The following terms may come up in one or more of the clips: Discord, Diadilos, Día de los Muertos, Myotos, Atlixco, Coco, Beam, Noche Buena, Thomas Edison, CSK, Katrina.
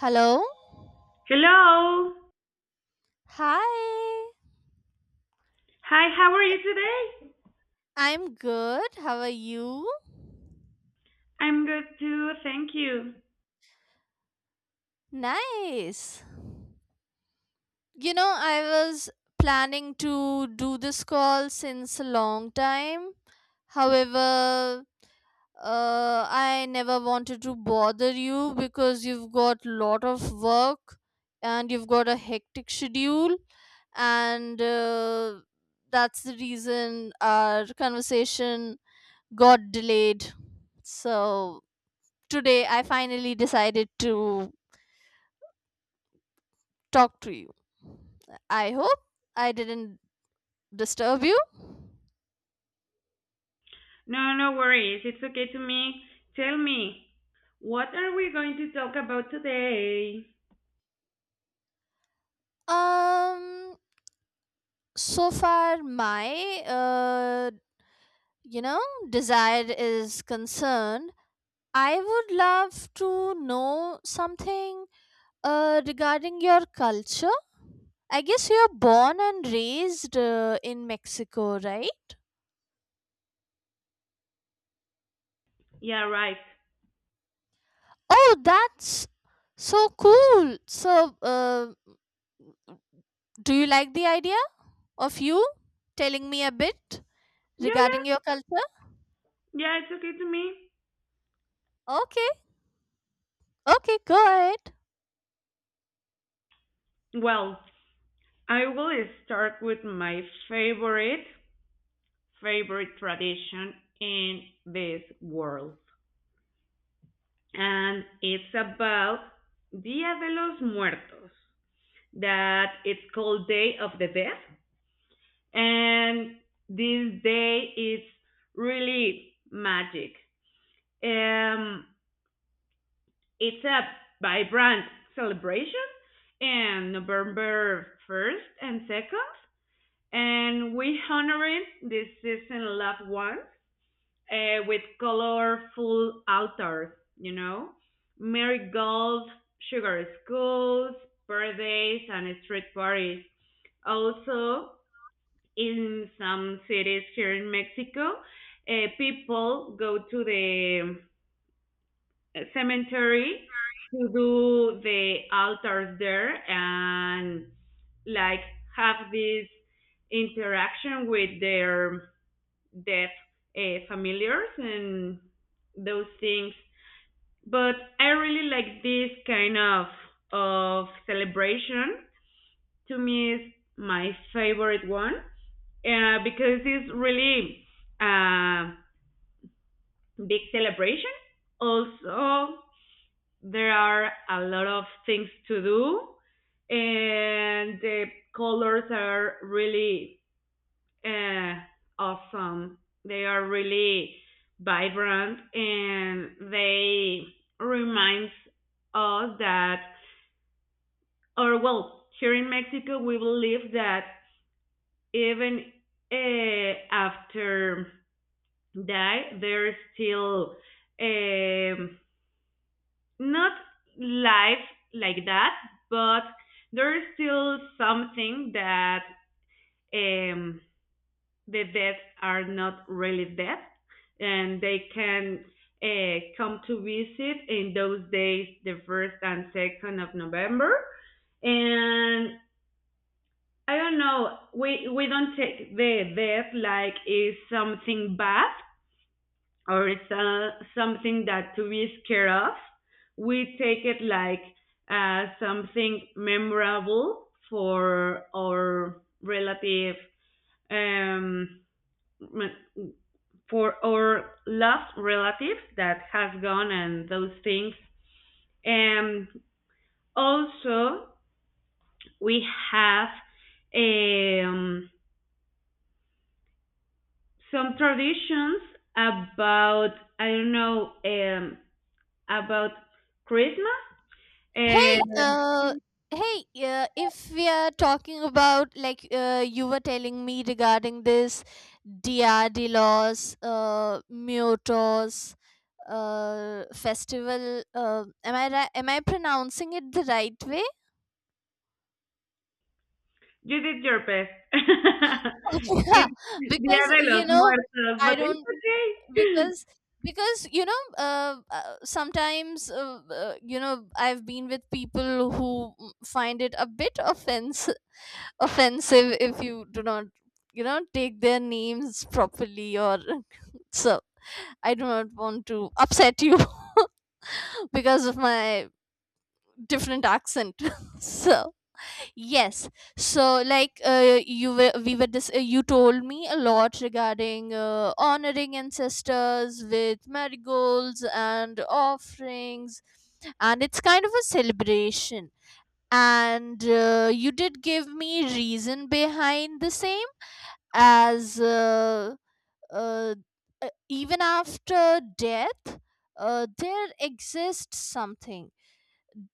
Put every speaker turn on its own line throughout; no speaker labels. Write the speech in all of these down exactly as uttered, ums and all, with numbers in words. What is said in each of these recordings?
Hello?
Hello.
Hi.
Hi, how are you today?
I'm good. How are you?
I'm good too, thank you.
Nice. You know, I was planning to do this call since a long time. However, uh, I never wanted to bother you because you've got lot of work and you've got a hectic schedule and uh, that's the reason our conversation got delayed. So today I finally decided to talk to you. I hope I didn't disturb you.
No, no worries. It's okay to me. Tell me, what are we going to talk about today?
Um so far my uh you know desire is concerned, I would love to know something uh regarding your culture. I guess you're born and raised uh, in Mexico, right?
Yeah, right.
Oh, that's so cool. So, uh, do you like the idea of you telling me a bit
Yeah, yeah.
regarding your culture?
Yeah, it's okay to me.
Okay, okay, go ahead.
Well, I will start with my favorite, favorite tradition in this world. And it's about Dia de los Muertos, that it's called Day of the Dead, and this day is really magic. Um, it's a vibrant celebration and November first and second, and we honoring the season loved ones uh, with colorful altars, you know, marigolds, sugar skulls, birthdays, and street parties. Also, in some cities here in Mexico, uh, people go to the uh, cemetery to do the altars there and like have this interaction with their deaf uh, familiars and those things. But I really like this kind of of celebration. To me, is my favorite one. uh, because it's really a big celebration. Also, there are a lot of things to do, and the colors are really uh, awesome. They are really vibrant, and they remind us that, or well, here in Mexico, we believe that even uh, after die, they're still um, not live like that, but there's still something that, um, the dead are not really dead, and they can uh, come to visit in those days, the first and second of November. And I don't know, we we don't take the death like it's something bad, or it's uh, something that to be scared of. We take it like uh, something memorable for our relative, um, for our loved relative that has gone and those things. And also, we have, um, some traditions about, I don't know, um, about Christmas. Uh,
Uh, Hey, uh, if we are talking about like uh, you were telling me regarding this Diadilos, uh, Myotos, uh, festival. Uh, am I ri- am I pronouncing it the right way?
You did your best.
Yeah,
It's Dia
because
de los
you know
Muertos,
I
but it's
don't
okay.
because because you know uh, uh, sometimes uh, uh, you know I've been with people who mm, find it a bit offense offensive if you do not you know take their names properly or so I do not want to upset you because of my different accent so Yes. So, like uh, you were, we were dis- uh, you told me a lot regarding uh, honoring ancestors with marigolds and offerings, and it's kind of a celebration. And uh, you did give me reason behind the same, as uh, uh, uh, even after death, uh, there exists something,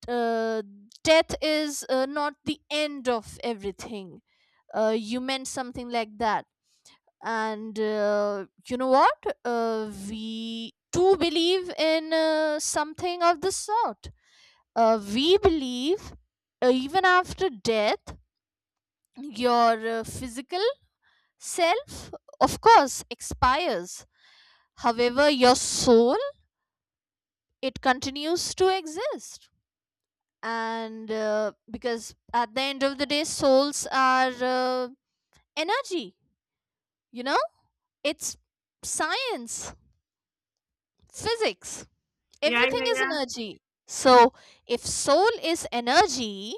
uh, death is uh, not the end of everything. Uh, you meant something like that. And uh, you know what? Uh, we too believe in uh, something of the sort. Uh, we believe uh, even after death, your uh, physical self, of course, expires. However, your soul, it continues to exist. And uh, because at the end of the day souls are uh, energy, you know, it's science, physics,
Yeah,
everything
yeah,
is
yeah.
energy. So if soul is energy,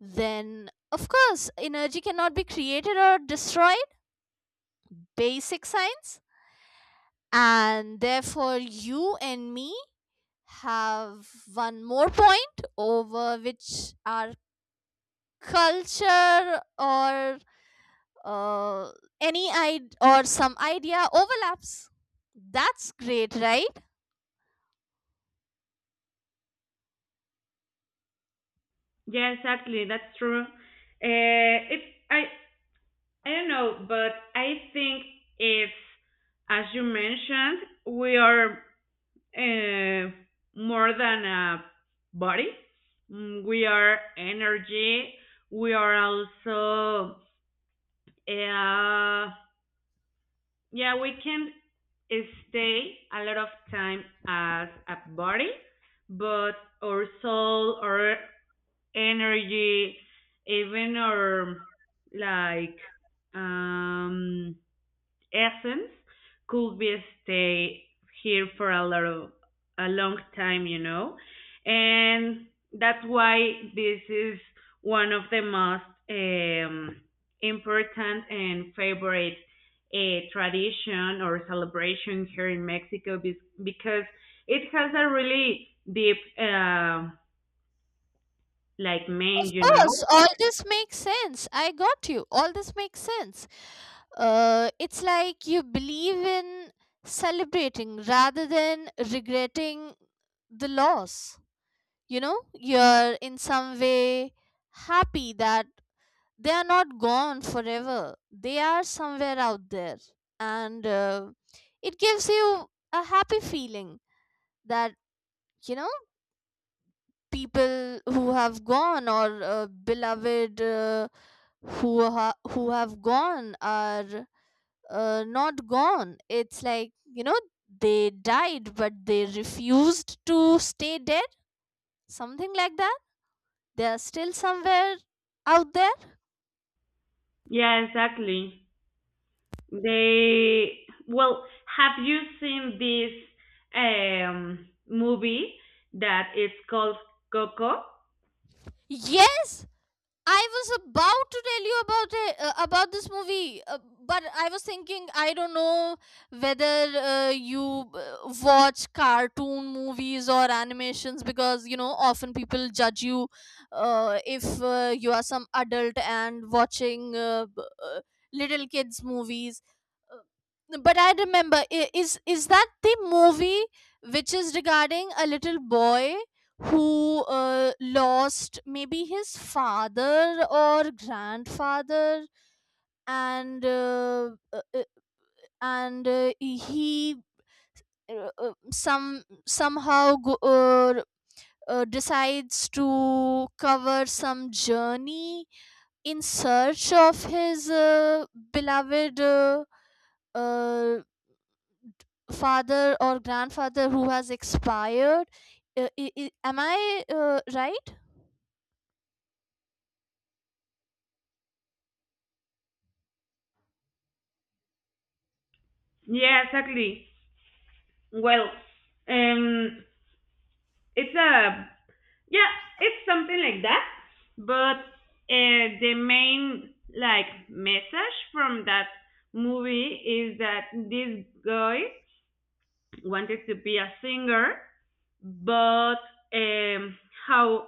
then of course energy cannot be created or destroyed. Basic science. And therefore you and me have one more point over which our culture or uh, any id- or some idea overlaps. That's great, right?
Yeah, exactly. That's true. Uh, it I I don't know, but I think it's as you mentioned, we are uh, more than a body. Mm, We are energy. We are also, uh, yeah, we can stay a lot of time as a body, but our soul, our energy, even our like um essence could be stay here for a lot of a long time, you know, and that's why this is one of the most um, important and favorite uh, tradition or celebration here in Mexico be- because it has a really deep uh, like meaning,
Of
you
course,
know.
all this makes sense. I got you. All this makes sense. Uh, it's like you believe in celebrating rather than regretting the loss. You know, you're in some way happy that they are not gone forever, they are somewhere out there. And uh, it gives you a happy feeling that you know people who have gone or uh, beloved uh, who ha- who have gone are uh, not gone. It's like you know they died but they refused to stay dead, something like that. They are still somewhere out there.
Yeah, exactly. They well, have you seen this um movie that is called Coco?
Yes, I was about to tell you about it, uh, about this movie, uh, but I was thinking I don't know whether uh, you uh, watch cartoon movies or animations, because you know often people judge you uh, if uh, you are some adult and watching uh, b- uh, little kids movies. Uh, but I remember, i- is is that the movie which is regarding a little boy who uh, lost maybe his father or grandfather and uh, uh, uh, and uh, he uh, uh, some somehow go, uh, uh, decides to cover some journey in search of his uh, beloved uh, uh, father or grandfather who has expired. Uh, i- i- am I uh, right?
Yeah, exactly. Well, um, it's a yeah, it's something like that. But uh, the main like message from that movie is that this guy wanted to be a singer, but um, how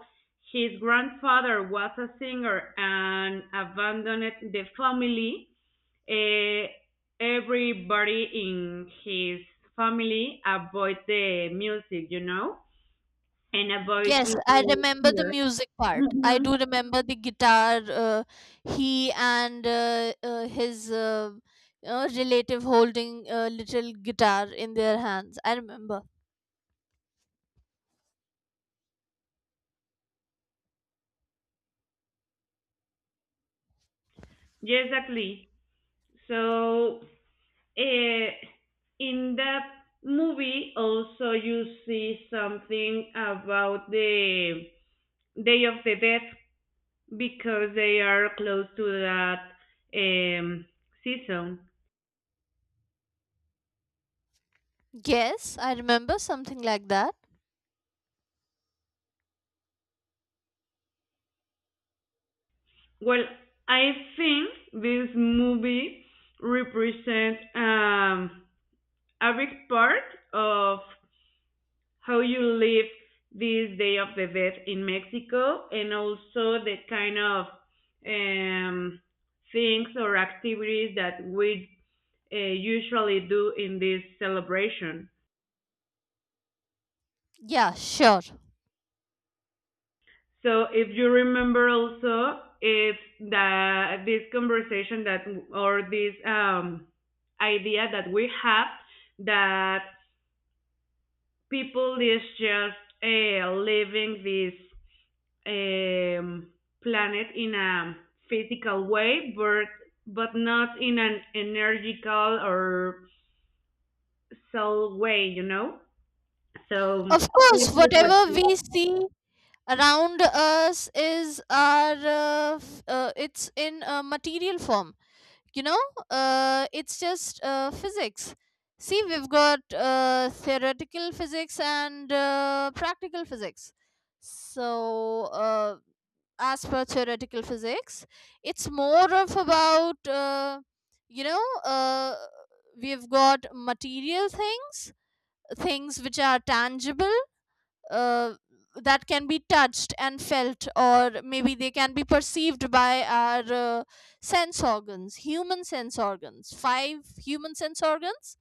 his grandfather was a singer and abandoned the family, uh, everybody in his family avoid the music, you know, and avoid to
Yes, I remember the
singer.
music part. I
Mhm.
do remember the guitar. Uh, he and uh, uh, his uh, uh, relative holding a little guitar in their hands. I remember.
Yeah, exactly. So uh, in that movie, also you see something about the Day of the Dead because they are close to that um, season.
Yes, I remember something like that.
Well, I think this movie represents, um, a big part of how you live this Day of the Dead in Mexico, and also the kind of um, things or activities that we uh, usually do in this celebration.
Yeah, sure.
So if you remember also, it's the this conversation that, or this um, idea that we have, that people is just uh, living this um, planet in a physical way, but but not in an energical or soul way, you know. So
Of course, whatever we see around us is our, uh, f- uh, it's in a material form. You know, uh, it's just uh, physics. See, we've got uh, theoretical physics and uh, practical physics. So uh, as per theoretical physics, it's more of about uh, you know uh, we've got material things, things which are tangible, uh, that can be touched and felt, or maybe they can be perceived by our uh, sense organs, human sense organs, five human sense organs.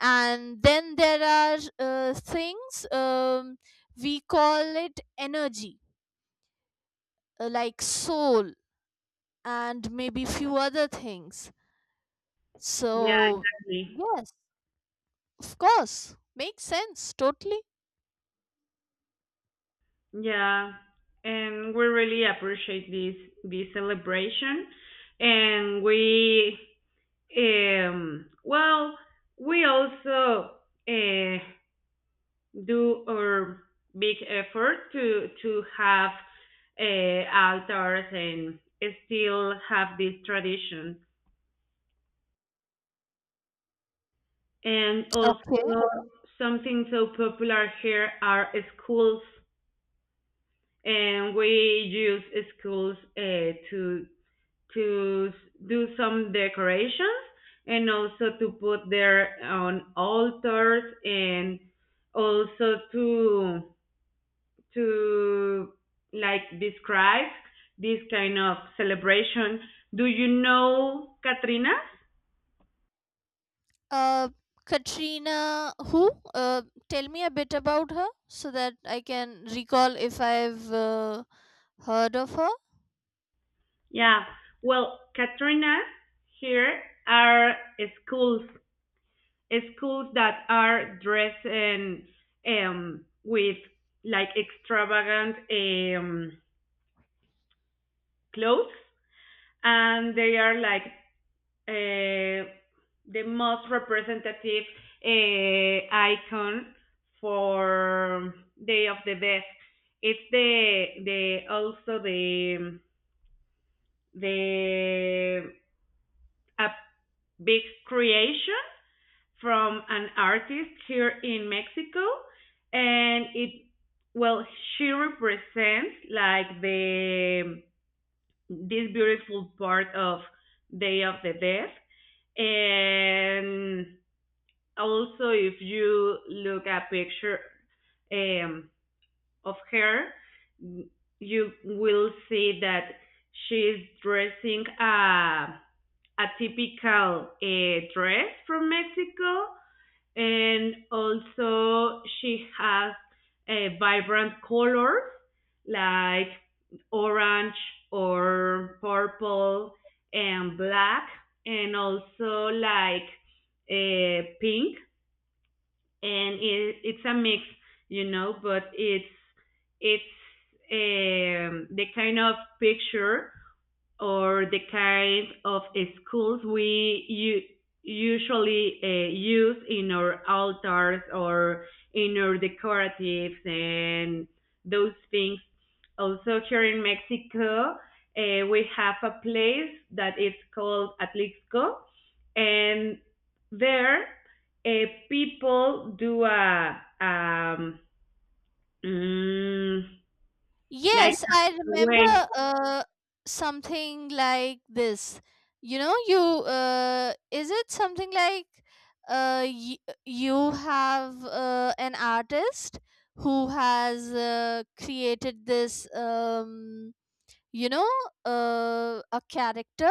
And then there are uh, things, um, we call it energy, uh, like soul, and maybe few other things.
yeah,
So,
exactly.
yes, of course, makes sense totally.
Yeah, and we really appreciate this this celebration, and we um well, we also uh, do our big effort to to have uh, altars and still have this tradition. And also, something so popular here are schools, and we use schools uh, to to s- do some decorations, and also to put there on altars, and also to to like describe this kind of celebration. Do you know Katrina?
Uh, Katrina, who? Uh, tell me a bit about her so that I can recall if I've uh, heard of her.
Yeah. Well, Katrina, here are schools schools that are dressed in, um with like extravagant um clothes, and they are like uh, the most representative uh, icon for Day of the Dead. It's the the also the the a big creation from an artist here in Mexico, and it well she represents like the this beautiful part of Day of the Dead. And also, if you look at picture um, of her, you will see that she's dressing a a typical uh, dress from Mexico, and also she has a vibrant colors like orange or purple and black, and also like uh, pink, and it, it's a mix you know but it's it's um, the kind of picture or the kind of schools we u- usually uh, use in our altars or in our decoratives and those things. Also, here in Mexico, uh, we have a place that is called Atlixco, and there uh, people do a, um, mm, like
Yes, I
a way.
remember uh, something like this. You know, you uh, is it something like uh, y- you have uh, an artist who has uh, created this. Um, you know, uh, a character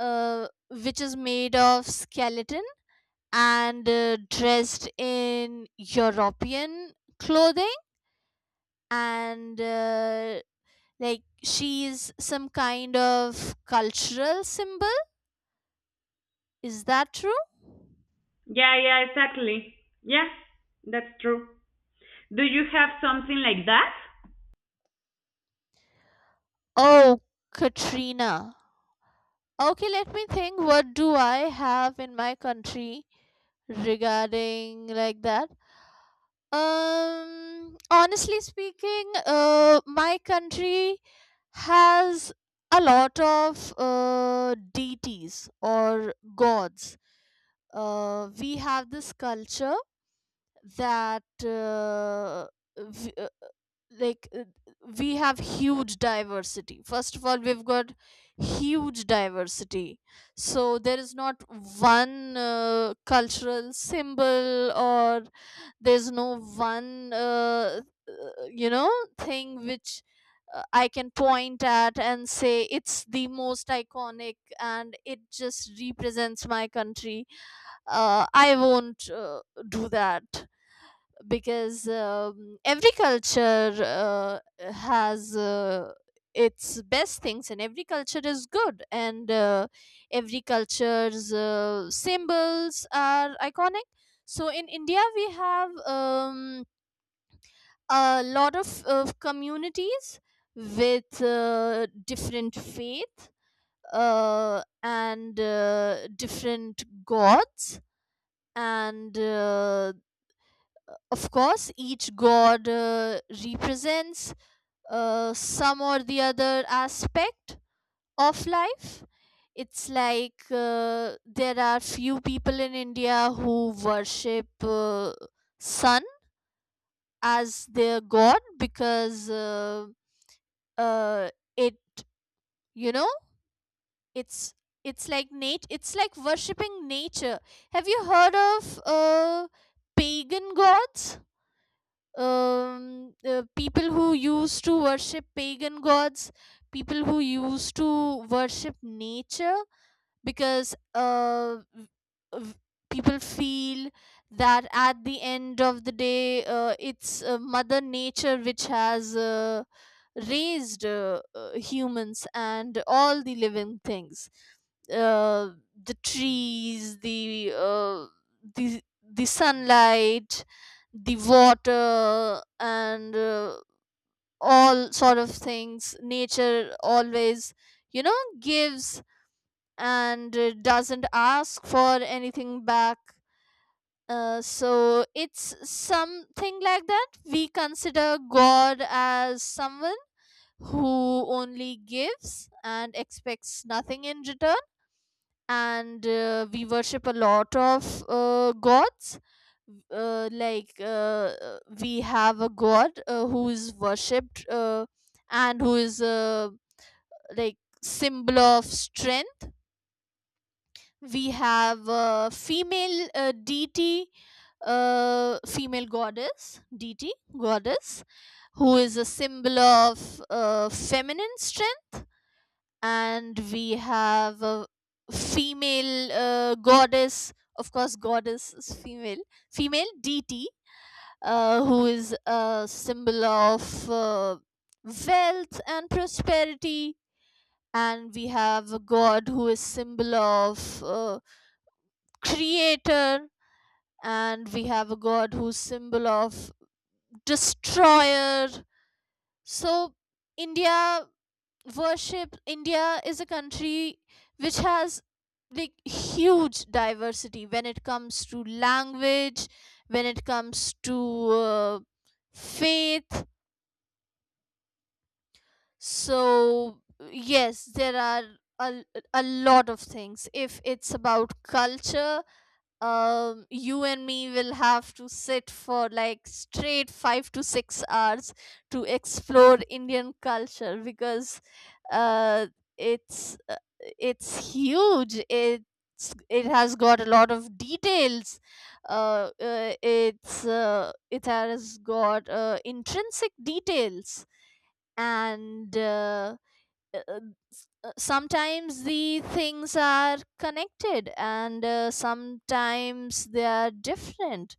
uh, which is made of skeleton and uh, dressed in European clothing and uh, like she is some kind of cultural symbol. Is that true?
Yeah, yeah, exactly. Yeah, that's true. Do you have something like that?
Oh, Katrina. Okay, let me think what do I have in my country regarding like that. Um, honestly speaking, uh, my country has a lot of uh, deities or gods. Uh, we have this culture that uh, v- like uh, we have huge diversity. First of all, we've got huge diversity, so there is not one uh, cultural symbol, or there's no one uh, uh, you know thing which uh, I can point at and say it's the most iconic and it just represents my country. uh, I won't uh, do that because um, every culture uh, has uh, its best things, and every culture is good, and uh, every culture's uh, symbols are iconic. So in India we have um, a lot of uh, communities with uh, different faith, uh, and uh, different gods, and uh, of course, each god uh, represents uh, some or the other aspect of life. It's like uh, there are few people in India who worship uh, sun as their god because uh, uh, it you know it's it's like nat it's like worshiping nature. Have you heard of uh, pagan gods? Um, uh, people who used to worship pagan gods, people who used to worship nature, because uh, v- people feel that at the end of the day uh, it's uh, mother nature which has uh, raised uh, uh, humans and all the living things, uh, the trees, the uh, the the sunlight, the water, and uh, all sort of things. Nature always, you know, gives and uh, doesn't ask for anything back. Uh, so it's something like that. We consider God as someone who only gives and expects nothing in return, and uh, we worship a lot of uh, gods. Uh, like uh, uh, we have a god uh, who is worshipped uh, and who is uh, like symbol of strength. We have uh, female uh, dt uh, female goddess dt goddess who is a symbol of uh, feminine strength, and we have a female uh, goddess, of course goddess is female, female dt uh, who is a symbol of uh, wealth and prosperity, and we have a god who is symbol of uh, creator, and we have a god who's symbol of destroyer. So india worship India is a country which has like huge diversity when it comes to language, when it comes to uh, faith. So, yes, there are a, a lot of things. If it's about culture, um, you and me will have to sit for like straight five to six hours to explore Indian culture because uh, it's uh, it's huge. It's, it has got a lot of details. Uh, uh, it's uh, it has got uh, intrinsic details, and uh, uh, uh, uh, sometimes the things are connected and uh, sometimes they are different,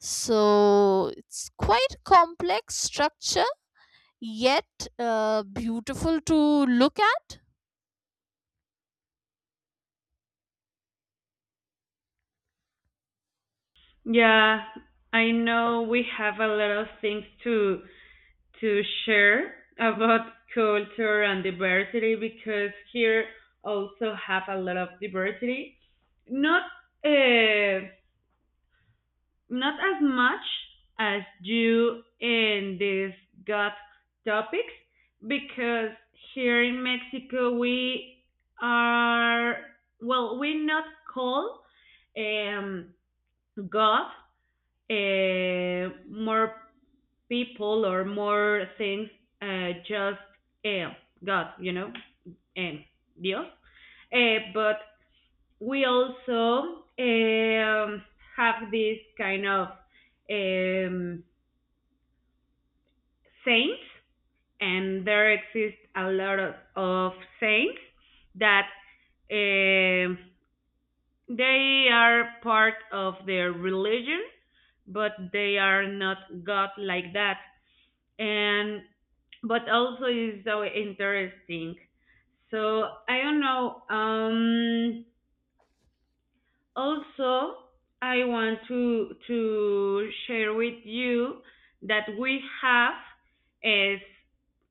so it's quite a complex structure, yet uh, beautiful to look at.
Yeah, I know we have a lot of things to to share about culture and diversity, because here also have a lot of diversity. Not uh, not as much as you in these got topics, because here in Mexico we are, well, we not call um God uh, more people or more things, uh, just uh, God, you know, and Dios. Uh, but we also um, have this kind of um, saints, and there exist a lot of, of saints that um they are part of their religion, but they are not God like that. And but also is so interesting. So I don't know. Um, also, I want to to share with you that we have is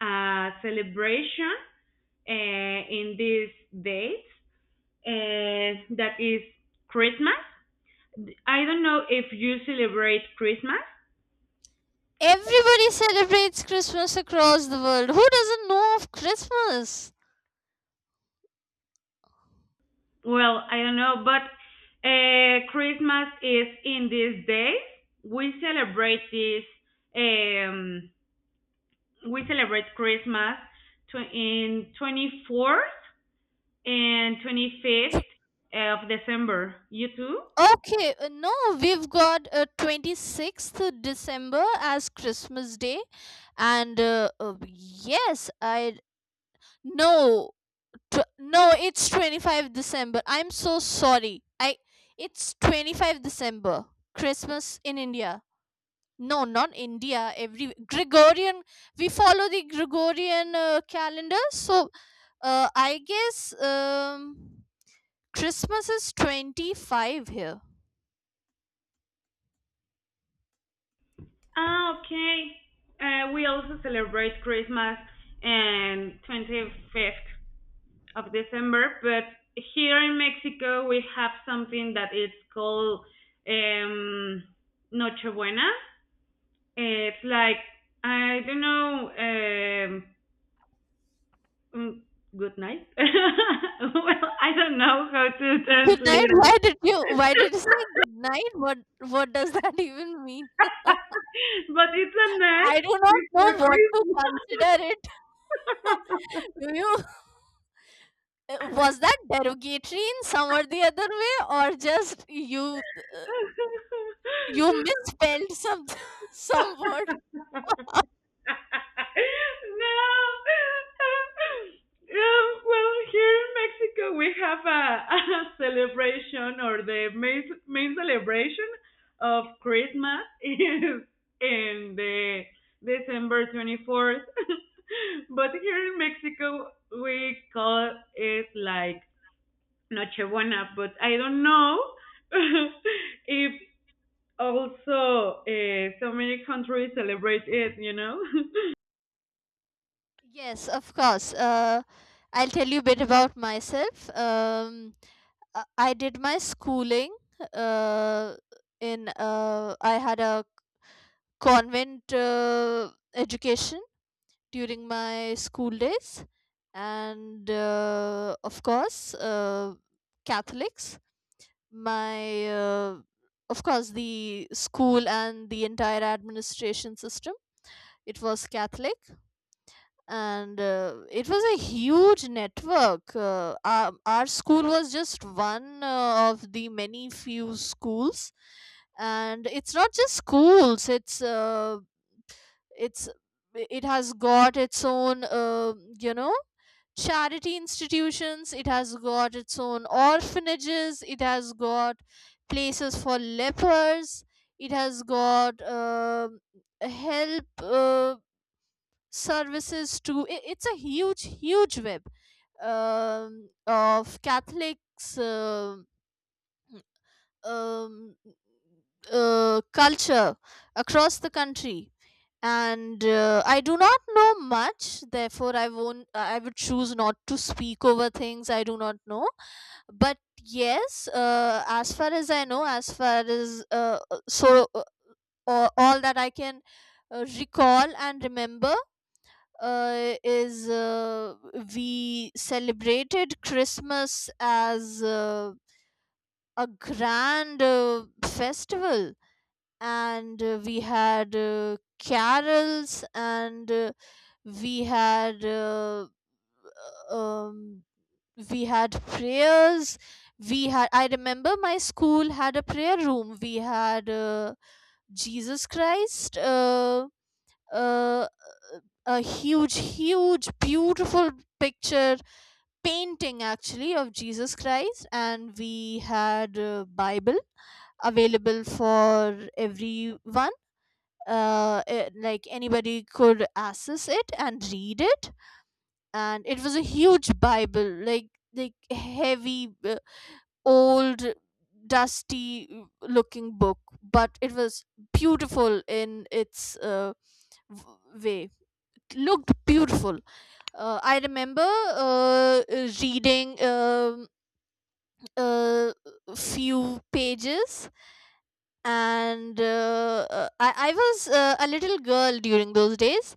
a celebration uh, in these dates uh, that is Christmas. I don't know if you celebrate Christmas.
Everybody celebrates Christmas across the world. Who doesn't know of Christmas?
well, I don't know, but uh, Christmas is in these days. We celebrate this. Um, we celebrate Christmas tw- in twenty-fourth and twenty-fifth of December. You too?
Okay, uh, no, we've got uh, twenty-sixth December as Christmas Day and uh, uh, yes, I no, tw- no, it's twenty-fifth of December. I'm so sorry. I It's twenty-fifth of December. Christmas in India. No, not India. Every Gregorian, we follow the Gregorian uh, calendar. So, uh, I guess um Christmas is twenty-five here.
Ah, okay. Uh, we also celebrate Christmas and twenty-fifth of December. But here in Mexico, we have something that is called um, Noche Buena. It's like I don't know. Um, mm, good night. well, I don't know how to
Good
translate
night.
it,
Why did you why did you say good night? What what does that even mean?
but it's a night
I do not
before
know what to consider it. Do you Uh, was that derogatory in some or the other way, or just you uh, you misspelled some some word?
Christmas. No. Um, well, here in Mexico, we have a, a celebration, or the main, main celebration of Christmas, is in the December twenty-fourth. But here in Mexico, we call it like Nochebuena, but I don't know if also uh, so many countries celebrate it, you know?
Yes, of course. Uh, I'll tell you a bit about myself. Um, uh, I did my schooling uh, in, uh, I had a convent uh, education during my school days, and uh, of course, uh, Catholics. My, uh, of course, the school and the entire administration system, it was catholic. And uh, it was a huge network. Uh, our, our school was just one uh, of the many few schools. And it's not just schools, it's uh, it's it has got its own uh, you know charity institutions, it has got its own orphanages, it has got places for lepers, it has got um help, uh, services to I it's a huge, huge web um, of catholics, um um, uh, culture across the country. And uh, I do not know much, therefore I won't, uh, I would choose not to speak over things I do not know. But yes, uh, as far as I know, as far as uh, uh, so uh, all, all that I can uh, recall and remember uh, is, uh, we celebrated christmas as uh, a grand uh, festival. And uh, we had uh, carols, and uh, we had uh, uh, um, we had prayers. We had, I remember my school had a prayer room. We had uh, jesus christ, uh, uh, a huge, huge, beautiful picture, painting actually, of jesus christ, and we had a bible available for everyone. Uh, eh, like, anybody could access it and read it. And it was a huge bible, like, like heavy, uh, old, dusty, uh, looking book. But it was beautiful in its uh, w- way, it looked beautiful. uh, I remember uh, uh, reading um uh, few pages. And uh, uh, I, I was uh, a little girl during those days,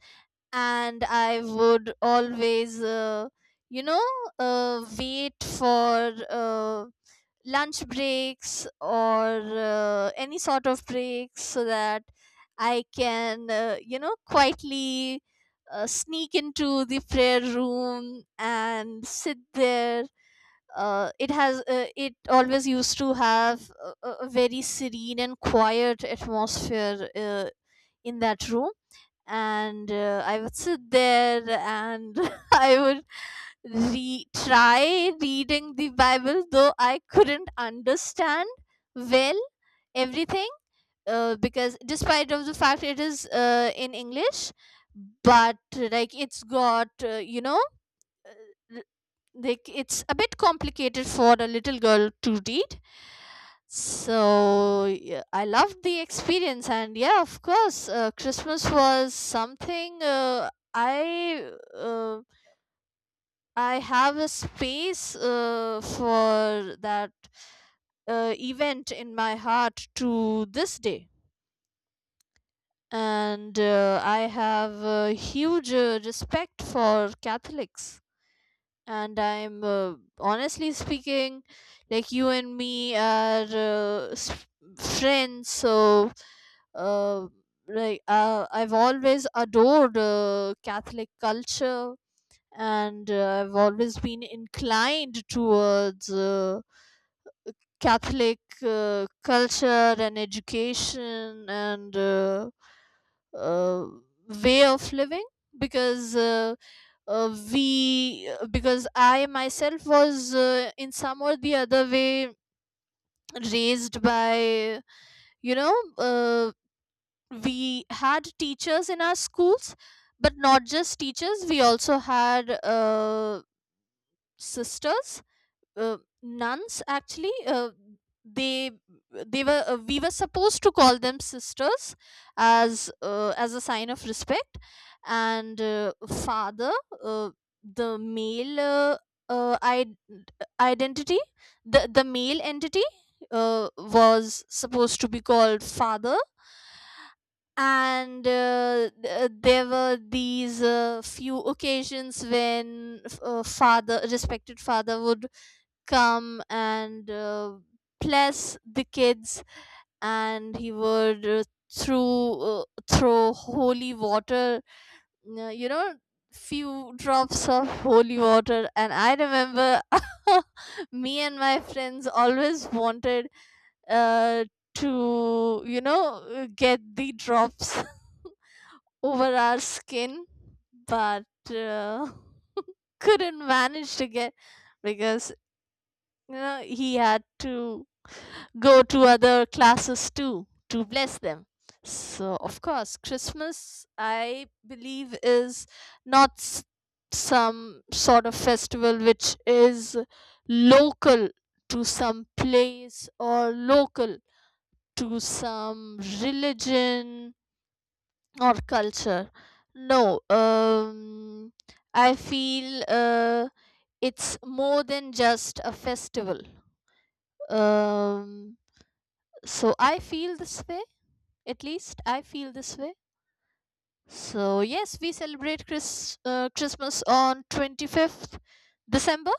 and I would always, uh, you know, uh, wait for uh, lunch breaks, or uh, any sort of breaks, so that I can, uh, you know, quietly uh, sneak into the prayer room and sit there. Uh, it has uh, it always used to have a, a a very serene and quiet atmosphere uh, in that room. And uh, I would sit there, and I would re- try reading the Bible, though I couldn't understand well everything, uh, because, despite of the fact it is uh, in English, but, like, it's got uh, you know uh, like it's a bit complicated for a little girl to read. So yeah, I loved the experience. And yeah, of course, uh, Christmas was something, uh, I uh, I have a space uh, for that uh, event in my heart to this day. And uh, I have a huge uh, respect for Catholics. And I'm, uh, honestly speaking, like, you and me are uh, s- friends, so, uh, like, uh, I've always adored uh, catholic culture, and uh, I've always been inclined towards uh, Catholic uh, culture and education, and uh, uh, way of living. Because uh, uh, we because I myself was, uh, in some or the other way, raised by, you know uh, we had teachers in our schools, but not just teachers, we also had uh, sisters, uh, nuns actually. uh, they they were, uh, we were supposed to call them sisters as, uh, as a sign of respect. And uh, father, uh, the male, uh, uh, I- identity, the the male entity, uh, was supposed to be called father. And uh, th- there were these uh, few occasions when f- uh, father, respected father, would come and uh, bless the kids. And he would, uh, through uh, throw holy water, uh, you know few drops of holy water. And I remember, me and my friends always wanted uh, to you know uh, get the drops over our skin, but uh, couldn't manage to get, because you he had to go to other classes too to bless them. So, of course, Christmas, I believe, is not s- some sort of festival which is local to some place, or local to some religion or culture. No, um, I feel uh, it's more than just a festival. Um, So I feel this way. At least I feel this way. So yes, we celebrate Chris, uh, Christmas on twenty-fifth December.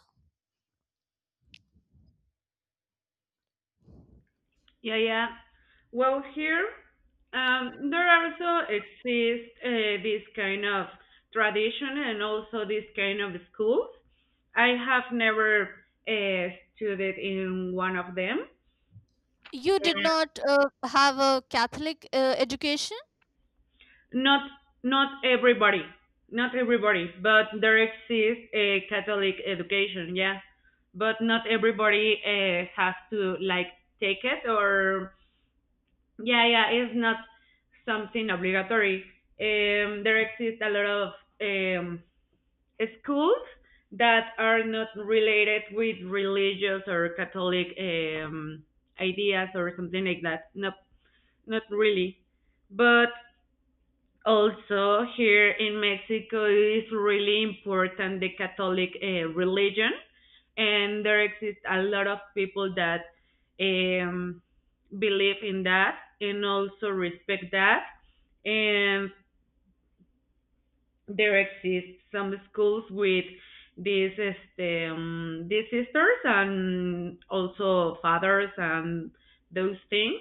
Yeah, yeah. Well, here um, there also exist uh, this kind of tradition, and also this kind of schools. I have never uh, studied in one of them.
You did not uh, have a Catholic uh, education.
Not not everybody, not everybody, but there exists a Catholic education, yeah. But not everybody uh, has to like take it, or yeah, yeah, it's not something obligatory. Um, there exist a lot of um, schools that are not related with religious or Catholic um, ideas or something like that. No, not really. But also, here in Mexico is really important the Catholic uh, religion, and there exist a lot of people that um, believe in that and also respect that. And there exist some schools with these este, um, these sisters and also fathers and those things,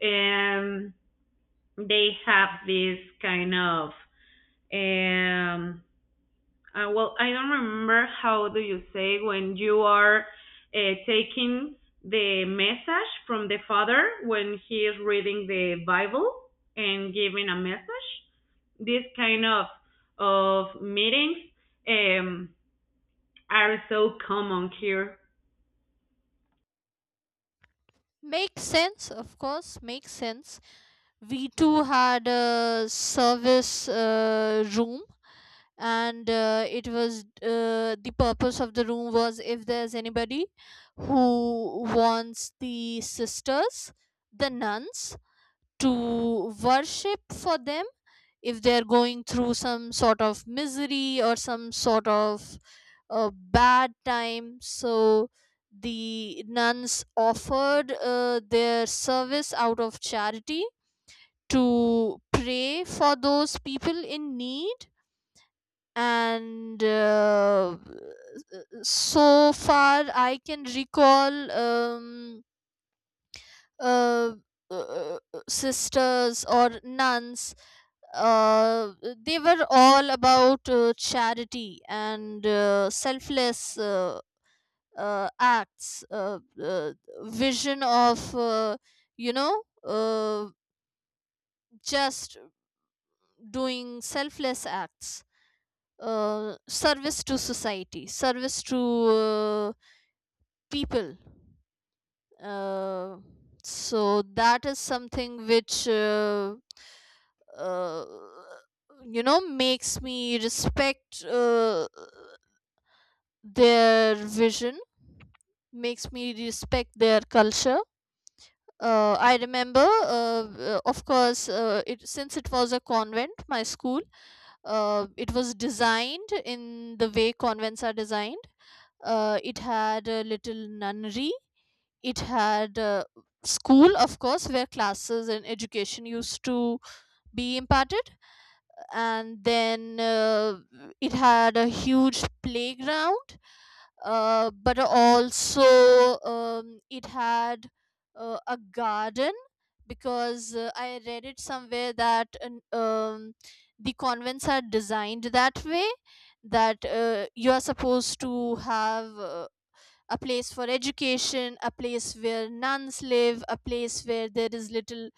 and they have this kind of, um, Uh, well, I don't remember how do you say when you are uh, taking the message from the father when he is reading the Bible and giving a message. These kind of of meetings um, are so common here.
Makes sense, of course, makes sense. We too had a service uh, room, and uh, it was uh, the purpose of the room was, if there's anybody who wants the sisters, the nuns, to worship for them, if they're going through some sort of misery or some sort of uh, bad time. So the nuns offered uh, their service out of charity, to pray for those people in need. And uh, So far I can recall. Um, uh, uh, uh, Sisters or nuns, uh, they were all about uh, charity, and uh, selfless uh, uh, acts, uh, uh, vision of, uh, you know uh, just doing selfless acts, uh, service to society, service to uh, people. Uh, so that is something which, uh, uh, you know makes me respect uh, their vision, makes me respect their culture. uh, I remember, uh, uh, of course, uh, it, since it was a convent, my school, uh, it was designed in the way convents are designed. Uh, it had a little nunnery, it had uh, school, of course, where classes and education used to be imparted. And then uh, it had a huge playground, uh, but also, um, it had uh, a garden. Because uh, I read it somewhere that, an- um, the convents are designed that way, that uh, you are supposed to have uh, a place for education, a place where nuns live, a place where there is little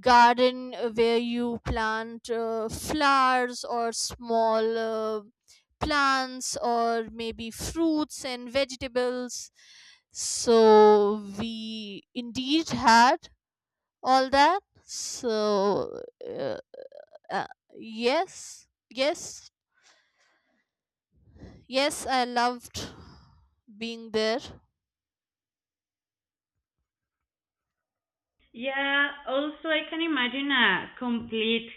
garden uh, where you plant uh, flowers, or small uh, plants, or maybe fruits and vegetables. So we indeed had all that. So, uh, uh, yes, yes, yes, I loved being there.
Yeah, also I can imagine a complete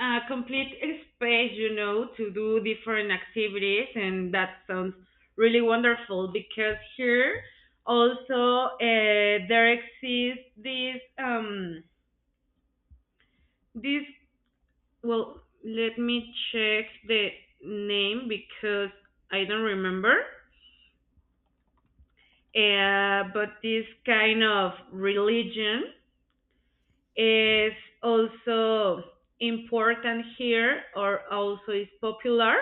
a complete space, you know, to do different activities, and that sounds really wonderful, because here also uh, there exists this um this well, let me check the name because I don't remember, uh, but this kind of religion is also important here, or also is popular,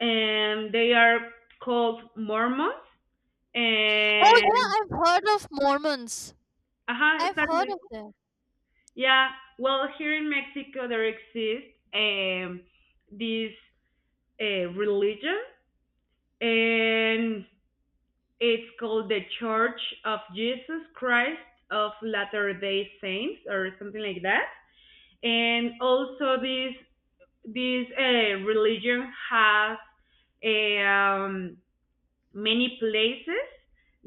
and they are called Mormons.
Oh
And
yeah, I've heard of Mormons.
uh-huh,
I've heard
exactly,
of them.
yeah. Well, here in Mexico there exists um this uh, religion, and it's called the Church of Jesus Christ of latter day saints or something like that. And also, this this uh, religion has um, many places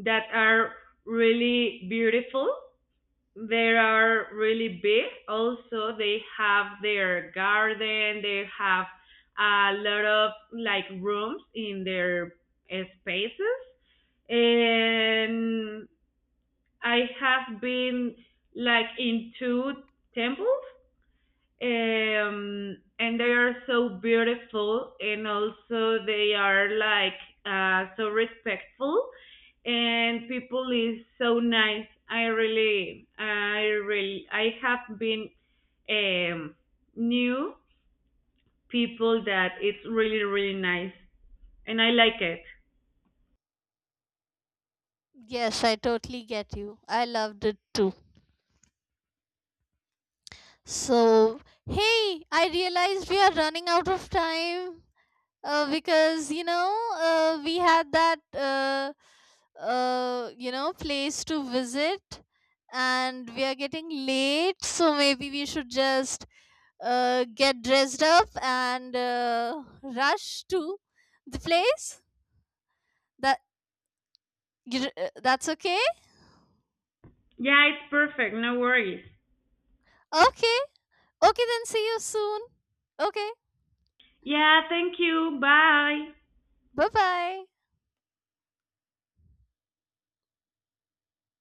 that are really beautiful. They are really big. Also, they have their garden. They have a lot of like rooms in their uh, spaces. And I have been like in two temples, um, and they are so beautiful, and also they are like uh, so respectful, and people is so nice. I really i really I have been um, new people, that it's really really nice and I like it.
Yes, I totally get you. I loved it too. So, hey, I realized we are running out of time, uh, because, you know, uh, we had that, uh, uh, you know, place to visit, and we are getting late. So maybe we should just uh, get dressed up and uh, rush to the place. That you, uh, That's okay?
Yeah, it's perfect, no worries.
Okay. Okay, then see you soon. Okay,
Yeah, thank you. Bye.
bye bye.